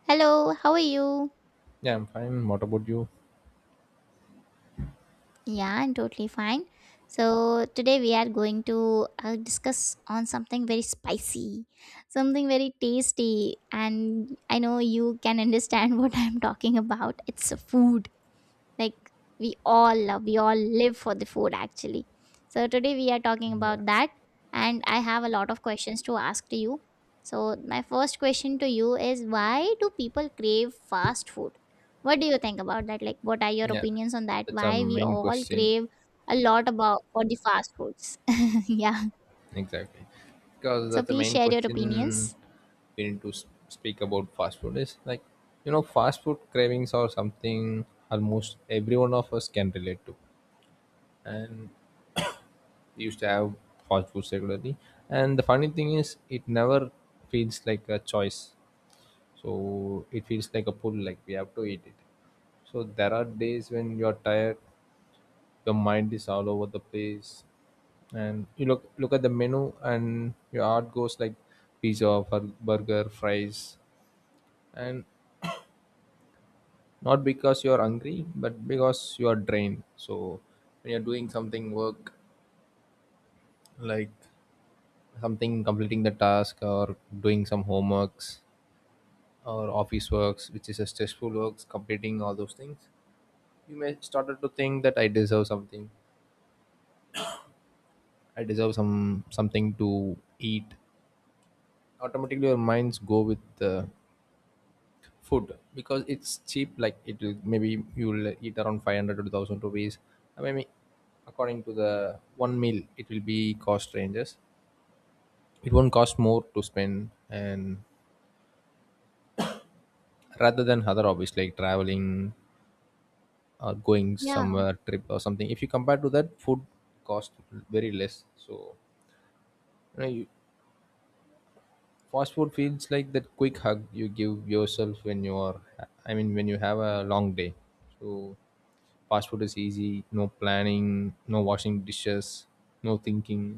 Hello, how are you? Yeah, I'm fine. What about you? Yeah, I'm totally fine. So, today we are going to discuss on something very spicy, something very tasty, and I know you can understand what I'm talking about. It's a food like we all live for the food actually, so today we are talking Yeah. about that, and I have a lot of questions to ask to you. So my first question to you is, why do people crave fast food? What do you think about that? Like, what are your Yeah, opinions on that? that's a Why we main all question. crave a lot about for the fast foods? Yeah, Exactly. Because so that's the please main share your question opinions. we need to speak about. Fast food is like, fast food cravings or something almost every one of us can relate to. And we used to have fast food regularly. And the funny thing is, it never feels like a choice. So it feels like a pull, like we have to eat it. So there are days when you're tired, your mind is all over the place, and you look at the menu and your heart goes like pizza, burger, fries, and not because you are hungry but because you are drained. So when you're doing something work, like something, completing the task or doing some homeworks or office works, which is a stressful works, completing all those things, you may started to think that I deserve something, I deserve something to eat. Automatically your minds go with the food because it's cheap. Like it will, maybe you will eat around 500 to 2,000 rupees. Maybe according to the one meal, it will be cost ranges. It won't cost more to spend, and rather than other hobbies like traveling or going Yeah. somewhere trip or something, if you compare to that, food cost very less. So you know you, fast food feels like that quick hug you give yourself when you are, I mean when you have a long day. So fast food is easy, no planning, no washing dishes, no thinking,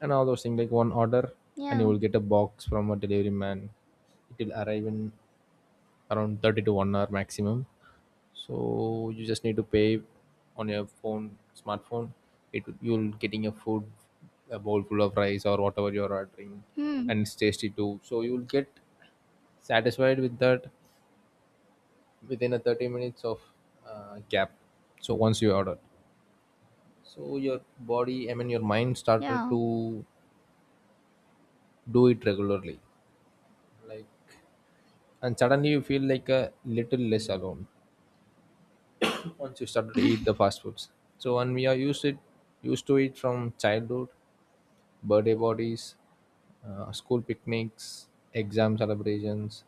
and all those things. Like one order and you Yeah. will get a box from a delivery man. It will arrive in around 30 to 1 hour maximum. So you just need to pay on your phone, smartphone, it you'll getting your food, a bowl full of rice or whatever you're ordering. Hmm. And it's tasty too, so you'll get satisfied with that within a 30 minutes of gap. So once you order, so your body, I mean your mind started Yeah. to do it regularly, like, and suddenly you feel like a little less alone once you started to eat the fast foods. So and we are used it, used to it from childhood. Birthday parties, school picnics, exam celebrations,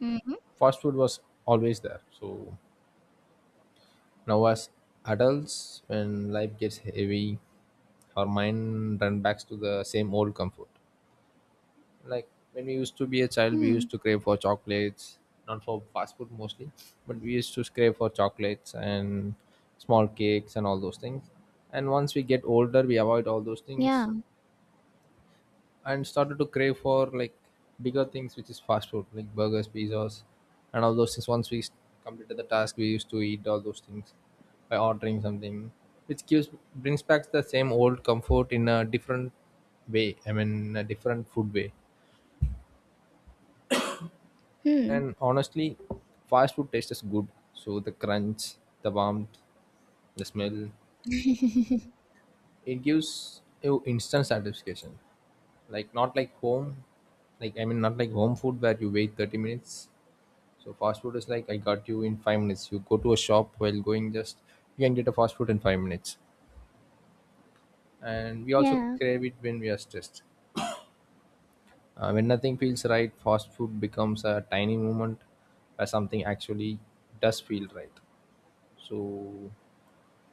Hmm. fast food was always there. So now as adults, when life gets heavy, our mind run back to the same old comfort. Like when we used to be a child, we Hmm. used to crave for chocolates, not for fast food mostly, but we used to crave for chocolates and small cakes and all those things. And once we get older, we avoid all those things Yeah. and started to crave for like bigger things, which is fast food like burgers, pizzas, and all those things. Once we completed the task, we used to eat all those things by ordering something, which gives, brings back the same old comfort in a different way, I mean a different food way. Hmm. And honestly, fast food tastes good. So the crunch, the warmth, the smell, it gives you instant satisfaction. Like not like home, like I mean not like home food where you wait 30 minutes. So fast food is like I got you in 5 minutes. You go to a shop while going, just you can get a fast food in 5 minutes. And we also Yeah. crave it when we are stressed. When nothing feels right, fast food becomes a tiny moment where something actually does feel right. So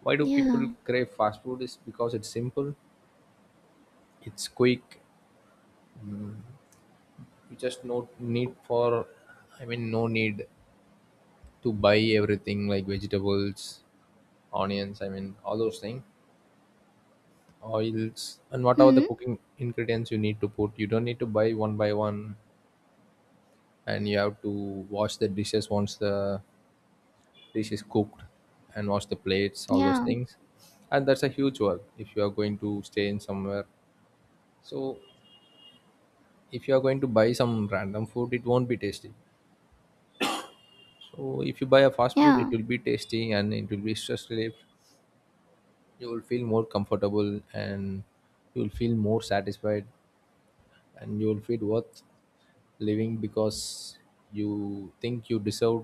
why do people Yeah. crave fast food? Is because it's simple, it's quick. You just no need for, I mean, no need to buy everything like vegetables, onions, I mean, all those things, oils, and whatever the Hmm. cooking ingredients you need to put. You don't need to buy one by one, and you have to wash the dishes once the dish is cooked, and wash the plates, all those Yeah, things, and that's a huge work if you are going to stay in somewhere. So if you are going to buy some random food, it won't be tasty. So if you buy a fast food, it yeah, will be tasty and it will be stress relief. You will feel more comfortable and you will feel more satisfied, and you will feel worth living because you think you deserve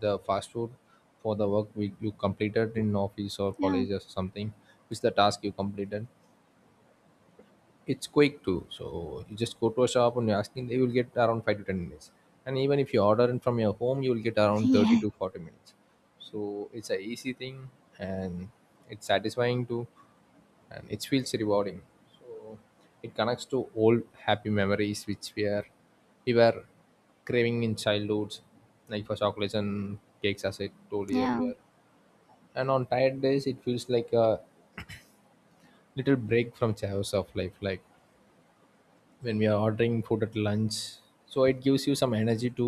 the fast food for the work you completed in office or yeah, college or something, which the task you completed. It's quick too. So you just go to a shop and you ask them, they will get around 5 to 10 minutes. And even if you order it from your home, you will get around 30 yeah, to 40 minutes. So it's a easy thing, and it's satisfying too, and it feels rewarding. So it connects to old happy memories which we were craving in childhoods, like for chocolates and cakes, as I told you yeah, earlier. And on tired days, it feels like a little break from chaos of life, like when we are ordering food at lunch, so it gives you some energy to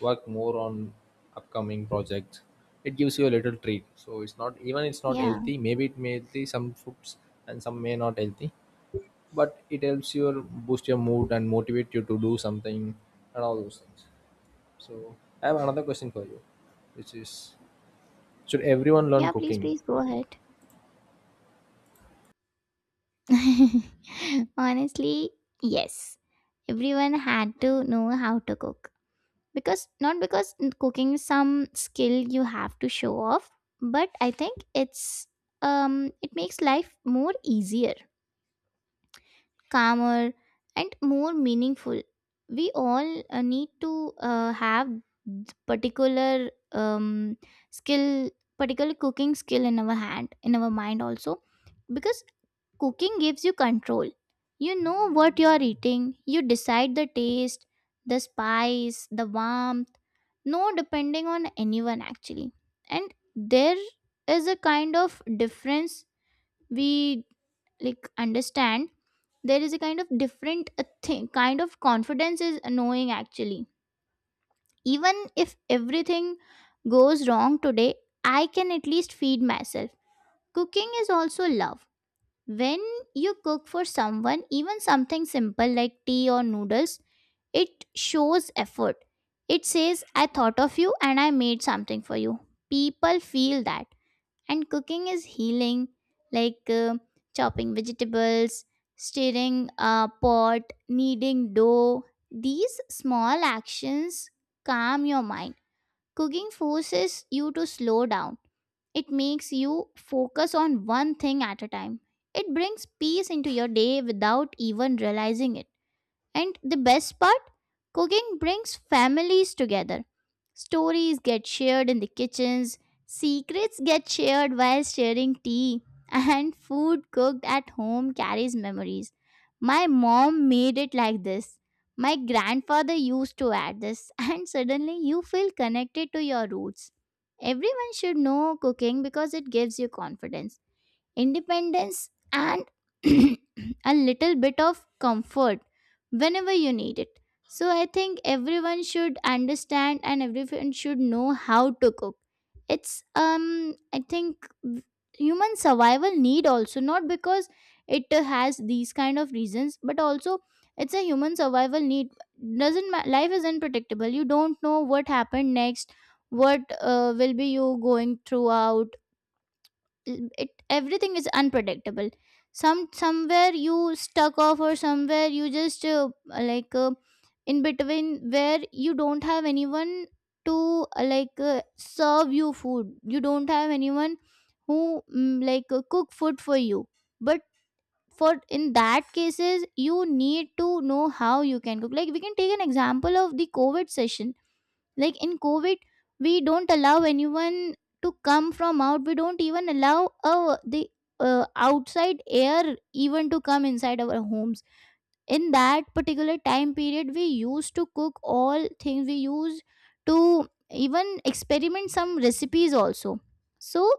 work more on upcoming projects. It gives you a little treat. So it's not even, it's not yeah, healthy, maybe it may healthy some foods and some may not healthy, but it helps you boost your mood and motivate you to do something and all those things. So I have another question for you, which is, should everyone learn yeah. Please, cooking? please go ahead. Honestly, yes. Everyone had to know how to cook, because not because cooking is some skill you have to show off, but I think it's it makes life more easier, calmer, and more meaningful. We all need to have particular skill, particular cooking skill in our hand, in our mind also, because cooking gives you control. You know what you are eating, you decide the taste, the spice, the warmth, no depending on anyone actually. And there is a kind of difference we like understand, there is a kind of different thing, kind of confidence is knowing actually, even if everything goes wrong today, I can at least feed myself. Cooking is also love. When you cook for someone, even something simple like tea or noodles, it shows effort. It says I thought of you and I made something for you. People feel that. And cooking is healing, like chopping vegetables, stirring a pot, kneading dough, these small actions calm your mind. Cooking forces you to slow down. It makes you focus on one thing at a time. It brings peace into your day without even realizing it. And the best part, cooking brings families together. Stories get shared in the kitchens, secrets get shared while sharing tea, and food cooked at home carries memories. My mom made it like this. My grandfather used to add this, and suddenly you feel connected to your roots. Everyone should know cooking because it gives you confidence, independence, and a little bit of comfort whenever you need it. So, I think everyone should understand and everyone should know how to cook. It's, I think human survival need also, not because it has these kind of reasons, but also it's a human survival need. Doesn't ma- Life is unpredictable, you don't know what happened next, what will be you going throughout. It, everything is unpredictable. Somewhere you stuck off, or somewhere you just like uh, in between, where you don't have anyone to serve you food, you don't have anyone who cook food for you. But for in that cases you need to know how you can cook. Like we can take an example of the COVID session. Like in COVID, we don't allow anyone to come from out, we don't even allow the outside air even to come inside our homes. In that particular time period, we used to cook all things, we used to even experiment some recipes also. So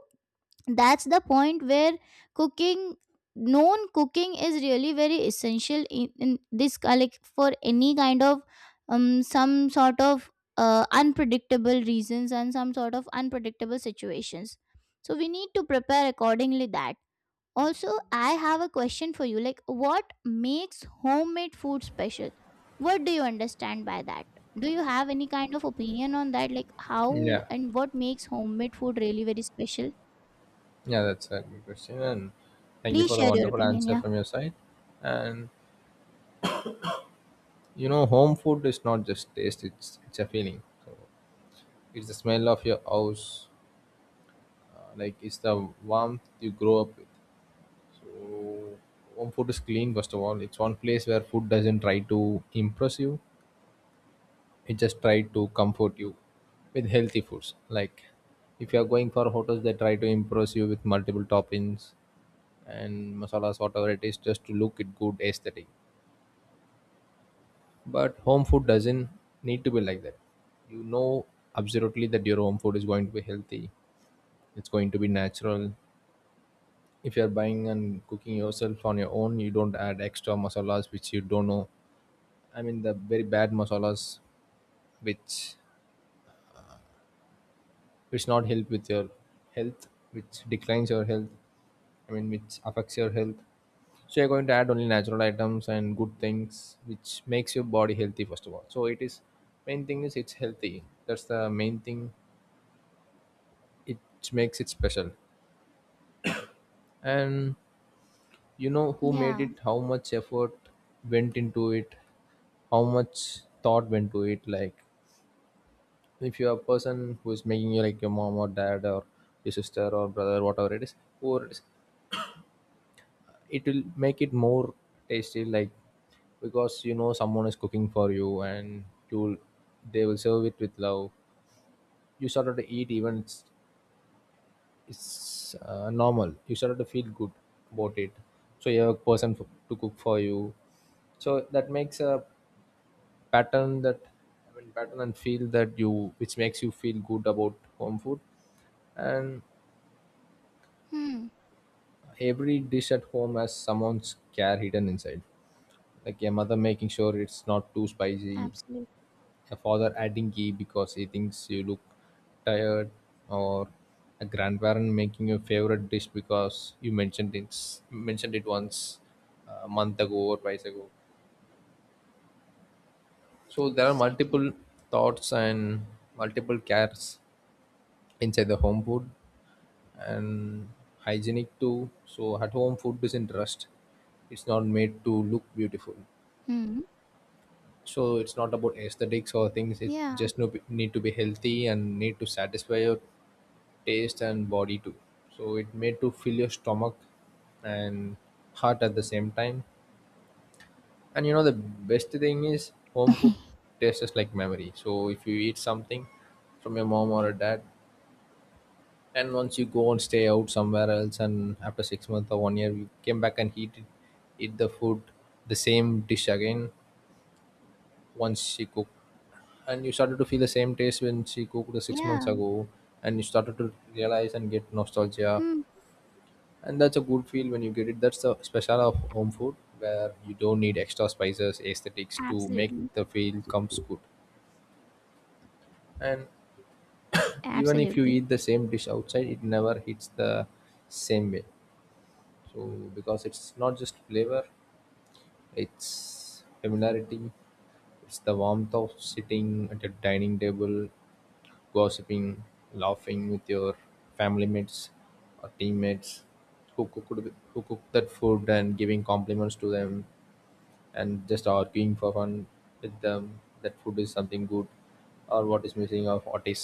that's the point where cooking, known cooking, is really very essential in this like for any kind of some sort of unpredictable reasons and some sort of unpredictable situations. So we need to prepare accordingly that. Also, I have a question for you, like, what makes homemade food special? What do you understand by that? Do you have any kind of opinion on that, like how Yeah. and what makes homemade food really very special? Yeah, that's a good question, and thank you Please for the share your wonderful opinion. answer Yeah. from your side. And you know, home food is not just taste, it's a feeling. So it's the smell of your house, like it's the warmth you grow up with. So home food is clean. First of all, it's one place where food doesn't try to impress you, it just try to comfort you with healthy foods. Like if you are going for hotels, they try to impress you with multiple toppings and masalas whatever it is, just to look it good aesthetic. But home food doesn't need to be like that. You know absolutely that your home food is going to be healthy. It's going to be natural. If you're buying and cooking yourself on your own, you don't add extra masalas which you don't know. I mean the very bad masalas which which not help with your health, which declines your health. I mean which affects your health. So you're going to add only natural items and good things, which makes your body healthy first of all. So it is, main thing is, it's healthy. That's the main thing, it makes it special. And you know who made Yeah. it, how much effort went into it, how much thought went to it. Like if you're a person who is making you, like your mom or dad or your sister or brother, whatever it is, or it will make it more tasty. Like because you know someone is cooking for you and you'll, they will serve it with love. You started to eat, even it's normal, you started to feel good about it. So you have a person to cook for you, so that makes a pattern that, I mean pattern and feel that you, which makes you feel good about home food. And Hmm. every dish at home has someone's care hidden inside, like your mother making sure it's not too spicy, Absolutely. a father adding ghee because he thinks you look tired, or a grandparent making your favorite dish because you mentioned it once a month ago or twice ago. So there are Exactly. multiple thoughts and multiple cares inside the home food, and hygienic too. So at home, food is in trust. It's not made to look beautiful. Hmm. So it's not about aesthetics or things. It Yeah. just need to be healthy and need to satisfy your taste and body too. So it made to fill your stomach and heart at the same time. And you know the best thing is, home food tastes just like memory. So if you eat something from your mom or a dad, and once you go and stay out somewhere else, and after 6 months or one year, you came back and eat it, eat the food, the same dish again. Once she cooked, and you started to feel the same taste when she cooked the 6 months Yeah. ago, and you started to realize and get nostalgia, Hmm. and that's a good feel when you get it. That's the special of home food, where you don't need extra spices, aesthetics to make Absolutely. the feel comes good. And even if you Absolutely. eat the same dish outside, it never hits the same way, so, because it's not just flavor, it's familiarity, it's the warmth of sitting at a dining table, gossiping, laughing with your family mates or teammates who cooked who cooked that food and giving compliments to them, and just arguing for fun with them that food is something good, or what is missing or what is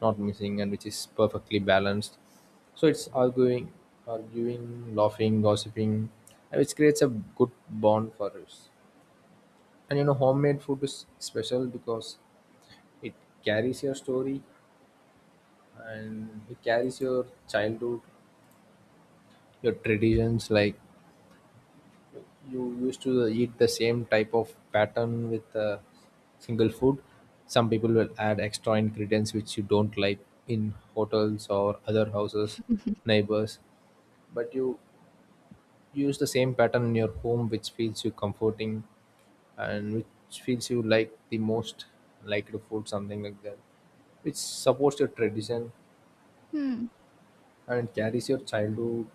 not missing and which is perfectly balanced. So it's arguing, arguing, laughing, gossiping, and which creates a good bond for us. And you know, homemade food is special because it carries your story, and it carries your childhood, your traditions. Like, you used to eat the same type of pattern with a single food. Some people will add extra ingredients which you don't like in hotels or other houses, neighbors. But you use the same pattern in your home, which feels you comforting and which feels you like the most, like to food something like that, which supports your tradition Hmm. and carries your childhood,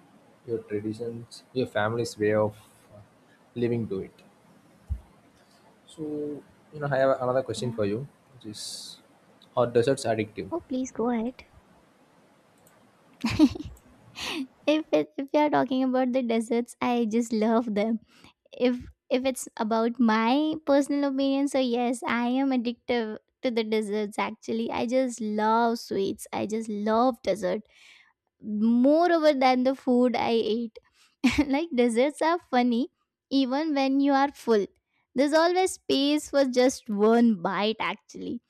your traditions, your family's way of living to it. So, you know, I have another question Yeah. for you, which is, are desserts addictive? Oh, please go ahead. If it, if you are talking about the desserts, I just love them. If it's about my personal opinion, so yes, I am addictive to the desserts. Actually, I just love sweets. I just love desserts moreover than the food I ate. Like desserts are funny even when you are full. There's always space for just one bite actually.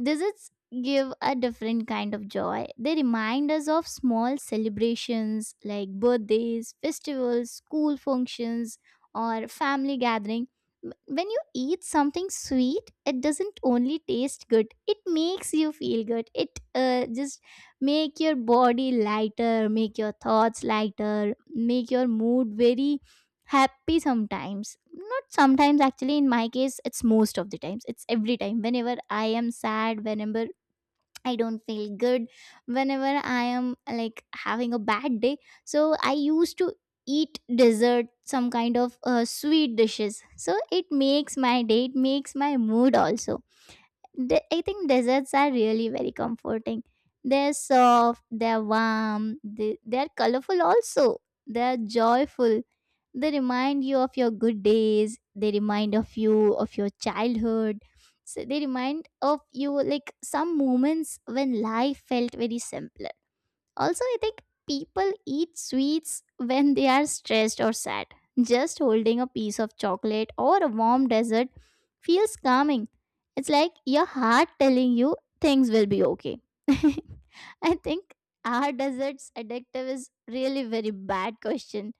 Desserts give a different kind of joy. They remind us of small celebrations like birthdays, festivals, school functions, or family gathering. When you eat something sweet, it doesn't only taste good, it makes you feel good. It just make your body lighter, make your thoughts lighter, make your mood very happy sometimes, not sometimes actually, in my case it's most of the times, it's every time whenever I am sad, whenever I don't feel good, whenever I am like having a bad day. So I used to eat dessert, some kind of sweet dishes, so it makes my day, it makes my mood also. I think desserts are really very comforting. They're soft, they're warm, they, they're colorful also. They're joyful. They remind you of your good days. They remind of you of your childhood. So they remind of you like some moments when life felt very simple. Also, I think people eat sweets when they are stressed or sad. Just holding a piece of chocolate or a warm dessert feels calming. It's like your heart telling you things will be okay. I think, are desserts addictive is really very bad question.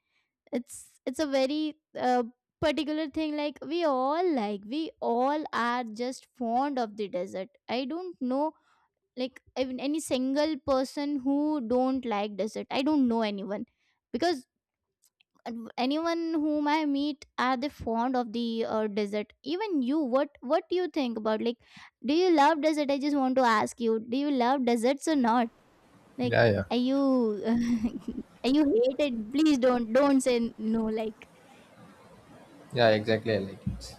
It's a very particular thing, like we all are just fond of the dessert. I don't know like even any single person who don't like dessert, I don't know anyone, because anyone whom I meet, are they fond of the dessert. Even you, what do you think about, like, do you love dessert? I just want to ask you, do you love desserts or not? Like, Yeah, yeah. are you are you hated, please don't say no, like Yeah, exactly. I like it.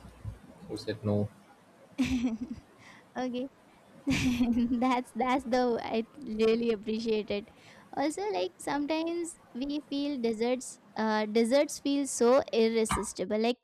Who said no? okay that's the, I really appreciate it. Also, like sometimes we feel desserts, desserts feel so irresistible. Like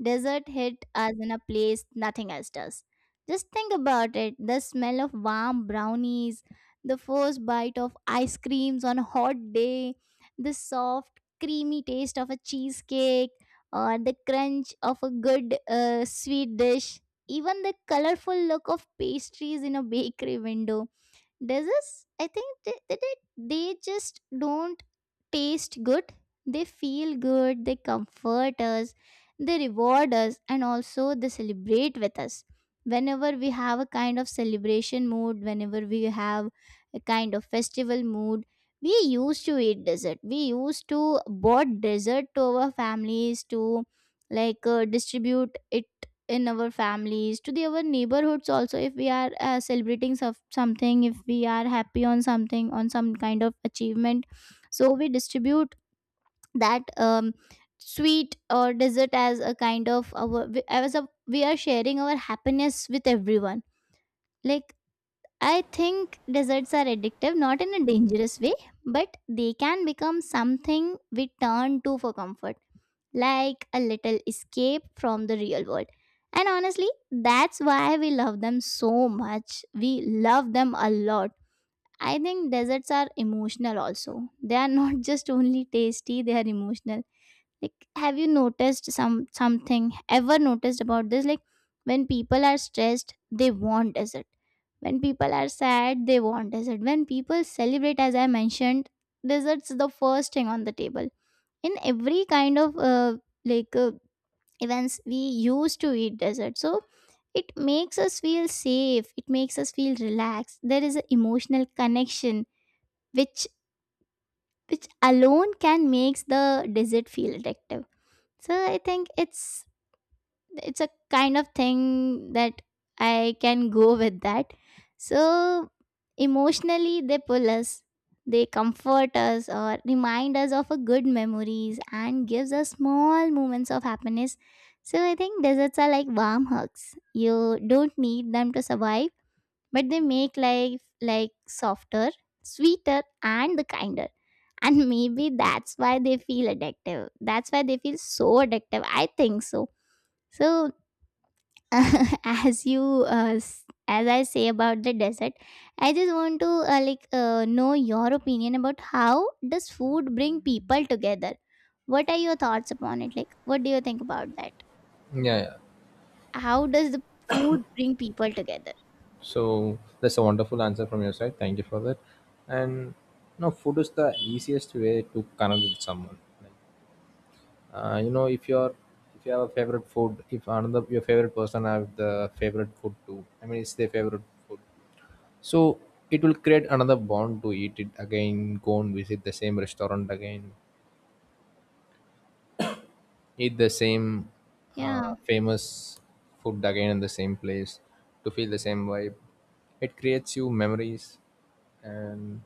dessert hit us in a place nothing else does. Just think about it. The smell of warm brownies, the first bite of ice creams on a hot day, the soft, creamy taste of a cheesecake, or the crunch of a good sweet dish, even the colorful look of pastries in a bakery window, does this is, I think they just don't taste good, they feel good, they comfort us, they reward us, and also they celebrate with us whenever we have a kind of celebration mood, whenever we have a kind of festival mood. We used to eat dessert, we used to bought dessert to our families to distribute it in our families, to the our neighborhoods also, if we are celebrating some, something, if we are happy on something, on some kind of achievement. So we distribute that sweet or dessert as a kind of our, as a we are sharing our happiness with everyone. Like, I think desserts are addictive, not in a dangerous way, but they can become something we turn to for comfort, like a little escape from the real world. And honestly, that's why we love them so much. We love them a lot. I think desserts are emotional also. They are not just only tasty, they are emotional. Like have you noticed some, something, ever noticed about this? Like when people are stressed, they want dessert. When people are sad, they want dessert. When people celebrate, as I mentioned, desserts the first thing on the table. In every kind of like uh, events we used to eat dessert. So it makes us feel safe, it makes us feel relaxed, there is an emotional connection which which alone can makes the dessert feel addictive. So I think it's a kind of thing that I can go with that. So emotionally they pull us, they comfort us, or remind us of a good memories and gives us small moments of happiness. So I think deserts are like warm hugs. You don't need them to survive, but they make life like softer, sweeter, and the kinder. And maybe that's why they feel addictive. That's why they feel so addictive. I think so. So as you as I say about the desert, I just want to know your opinion about, how does food bring people together? What are your thoughts upon it? Like, what do you think about that, Yeah, yeah. how does the food bring people together? So that's a wonderful answer from your side. Thank you for that. And you know, food is the easiest way to connect with someone. Like, you know, if you're if you have a favorite food, if another your favorite person have the favorite food too. I mean, it's their favorite food. So it will create another bond to eat it again, go and visit the same restaurant again, eat the same Yeah. famous food again in the same place to feel the same vibe. It creates you memories, and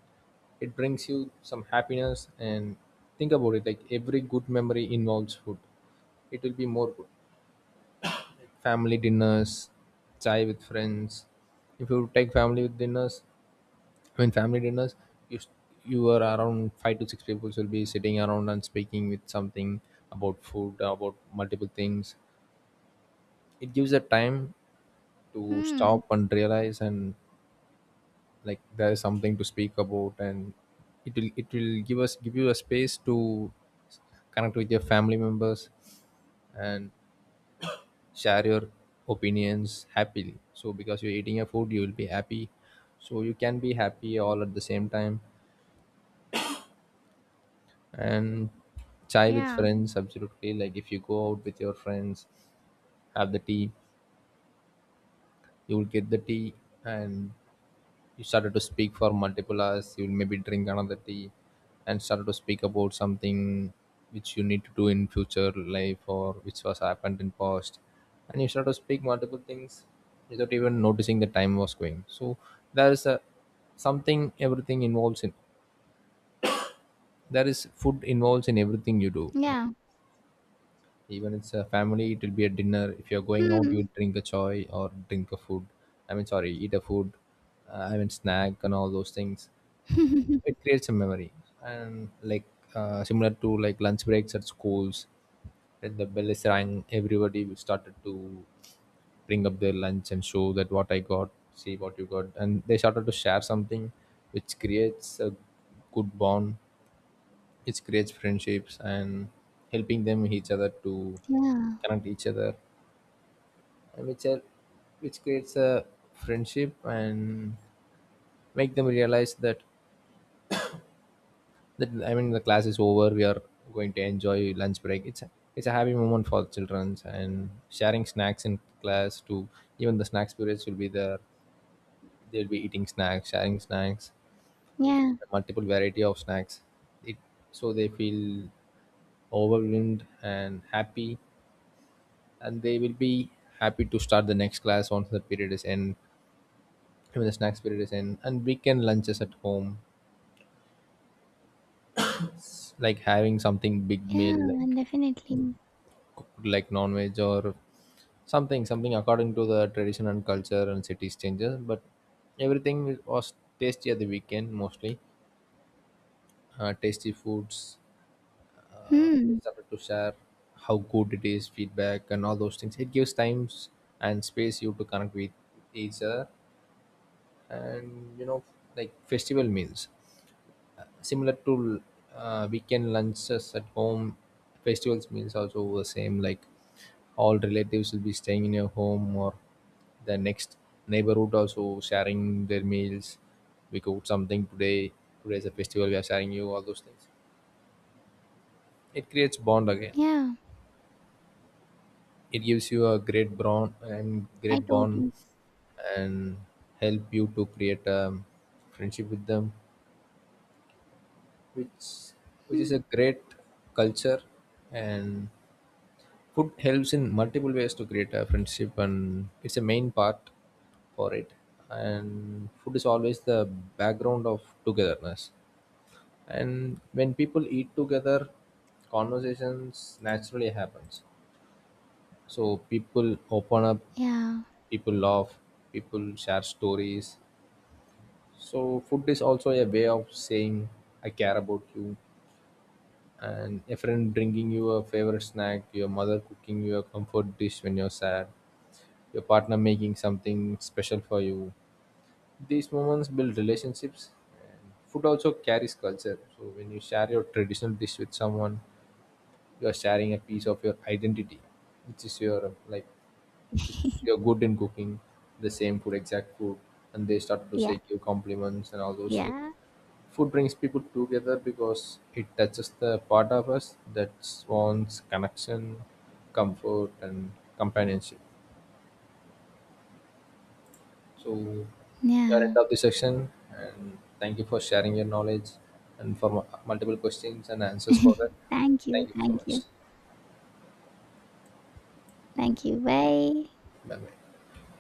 it brings you some happiness. And think about it, like every good memory involves food, it will be more good. Family dinners, chai with friends. If you take family with dinners, I mean family dinners, you you are around five to six people will be sitting around and speaking with something about food, about multiple things. It gives a time to Hmm. stop and realize, and like there is something to speak about, and it will give you a space to connect with your family members and share your opinions happily. So because you're eating your food you will be happy. So you can be happy all at the same time. And chai with Yeah. friends, absolutely. Like if you go out with your friends, have the tea, you will get the tea, and you started to speak for multiple hours, you will maybe drink another tea and started to speak about something which you need to do in future life or which was happened in past, and you start to speak multiple things without even noticing the time was going. So there is a something, everything involves in, there is food involves in everything you do. Like Yeah. even it's a family, it will be a dinner. If you're going out Hmm. you'll drink a chai or drink a food, I mean sorry, eat a food, I mean snack and all those things. It creates a memory. And like, similar to like lunch breaks at schools, when the bell is rang, everybody will started to bring up their lunch and show that what I got, see what you got, and they started to share something which creates a good bond. It creates friendships, and helping them each other to Yeah. connect each other, and which are which creates a friendship and make them realize that, I mean, the class is over, we are going to enjoy lunch break. It's a happy moment for the children. And sharing snacks in class too, even the snacks periods will be there, they'll be eating snacks, sharing snacks, Yeah. multiple variety of snacks. It, so they feel overwhelmed and happy, and they will be happy to start the next class once the period is end, when the snacks period is end. And weekend lunches at home, like having something big Yeah, meal, like definitely. cooked like non-veg or something something according to the tradition and culture and cities changes, but everything was tasty at the weekend mostly. Tasty foods, they Hmm. started to share how good it is, feedback and all those things. It gives times and space you to connect with each other. And you know, like festival meals, similar to weekend lunches at home, festivals meals also the same. Like all relatives will be staying in your home, or the next neighborhood also sharing their meals. We cooked something today, today's a festival, we are sharing you all those things. It creates bond again. Yeah. It gives you a great bond, and I great bond, totally. and help you to create a friendship with them, which which Hmm. is a great culture. And food helps in multiple ways to create a friendship, and it's a main part for it. And food is always the background of togetherness. And when people eat together, conversations naturally happens. So people open up, Yeah. people laugh, people share stories. So food is also a way of saying I care about you. And a friend bringing you a favorite snack, your mother cooking you a comfort dish when you're sad, your partner making something special for you. These moments build relationships. And food also carries culture. So when you share your traditional dish with someone, you are sharing a piece of your identity, which is your like, which is you're good in cooking the same food, exact food, and they start to Yeah. say you compliments and all those things. Yeah. Food brings people together because it touches the part of us that wants connection, comfort, and companionship. So we are end Yeah. of the section, and thank you for sharing your knowledge and for multiple questions and answers for that. Thank you, Thank you so thank much. you. Thank you. Bye. Bye bye.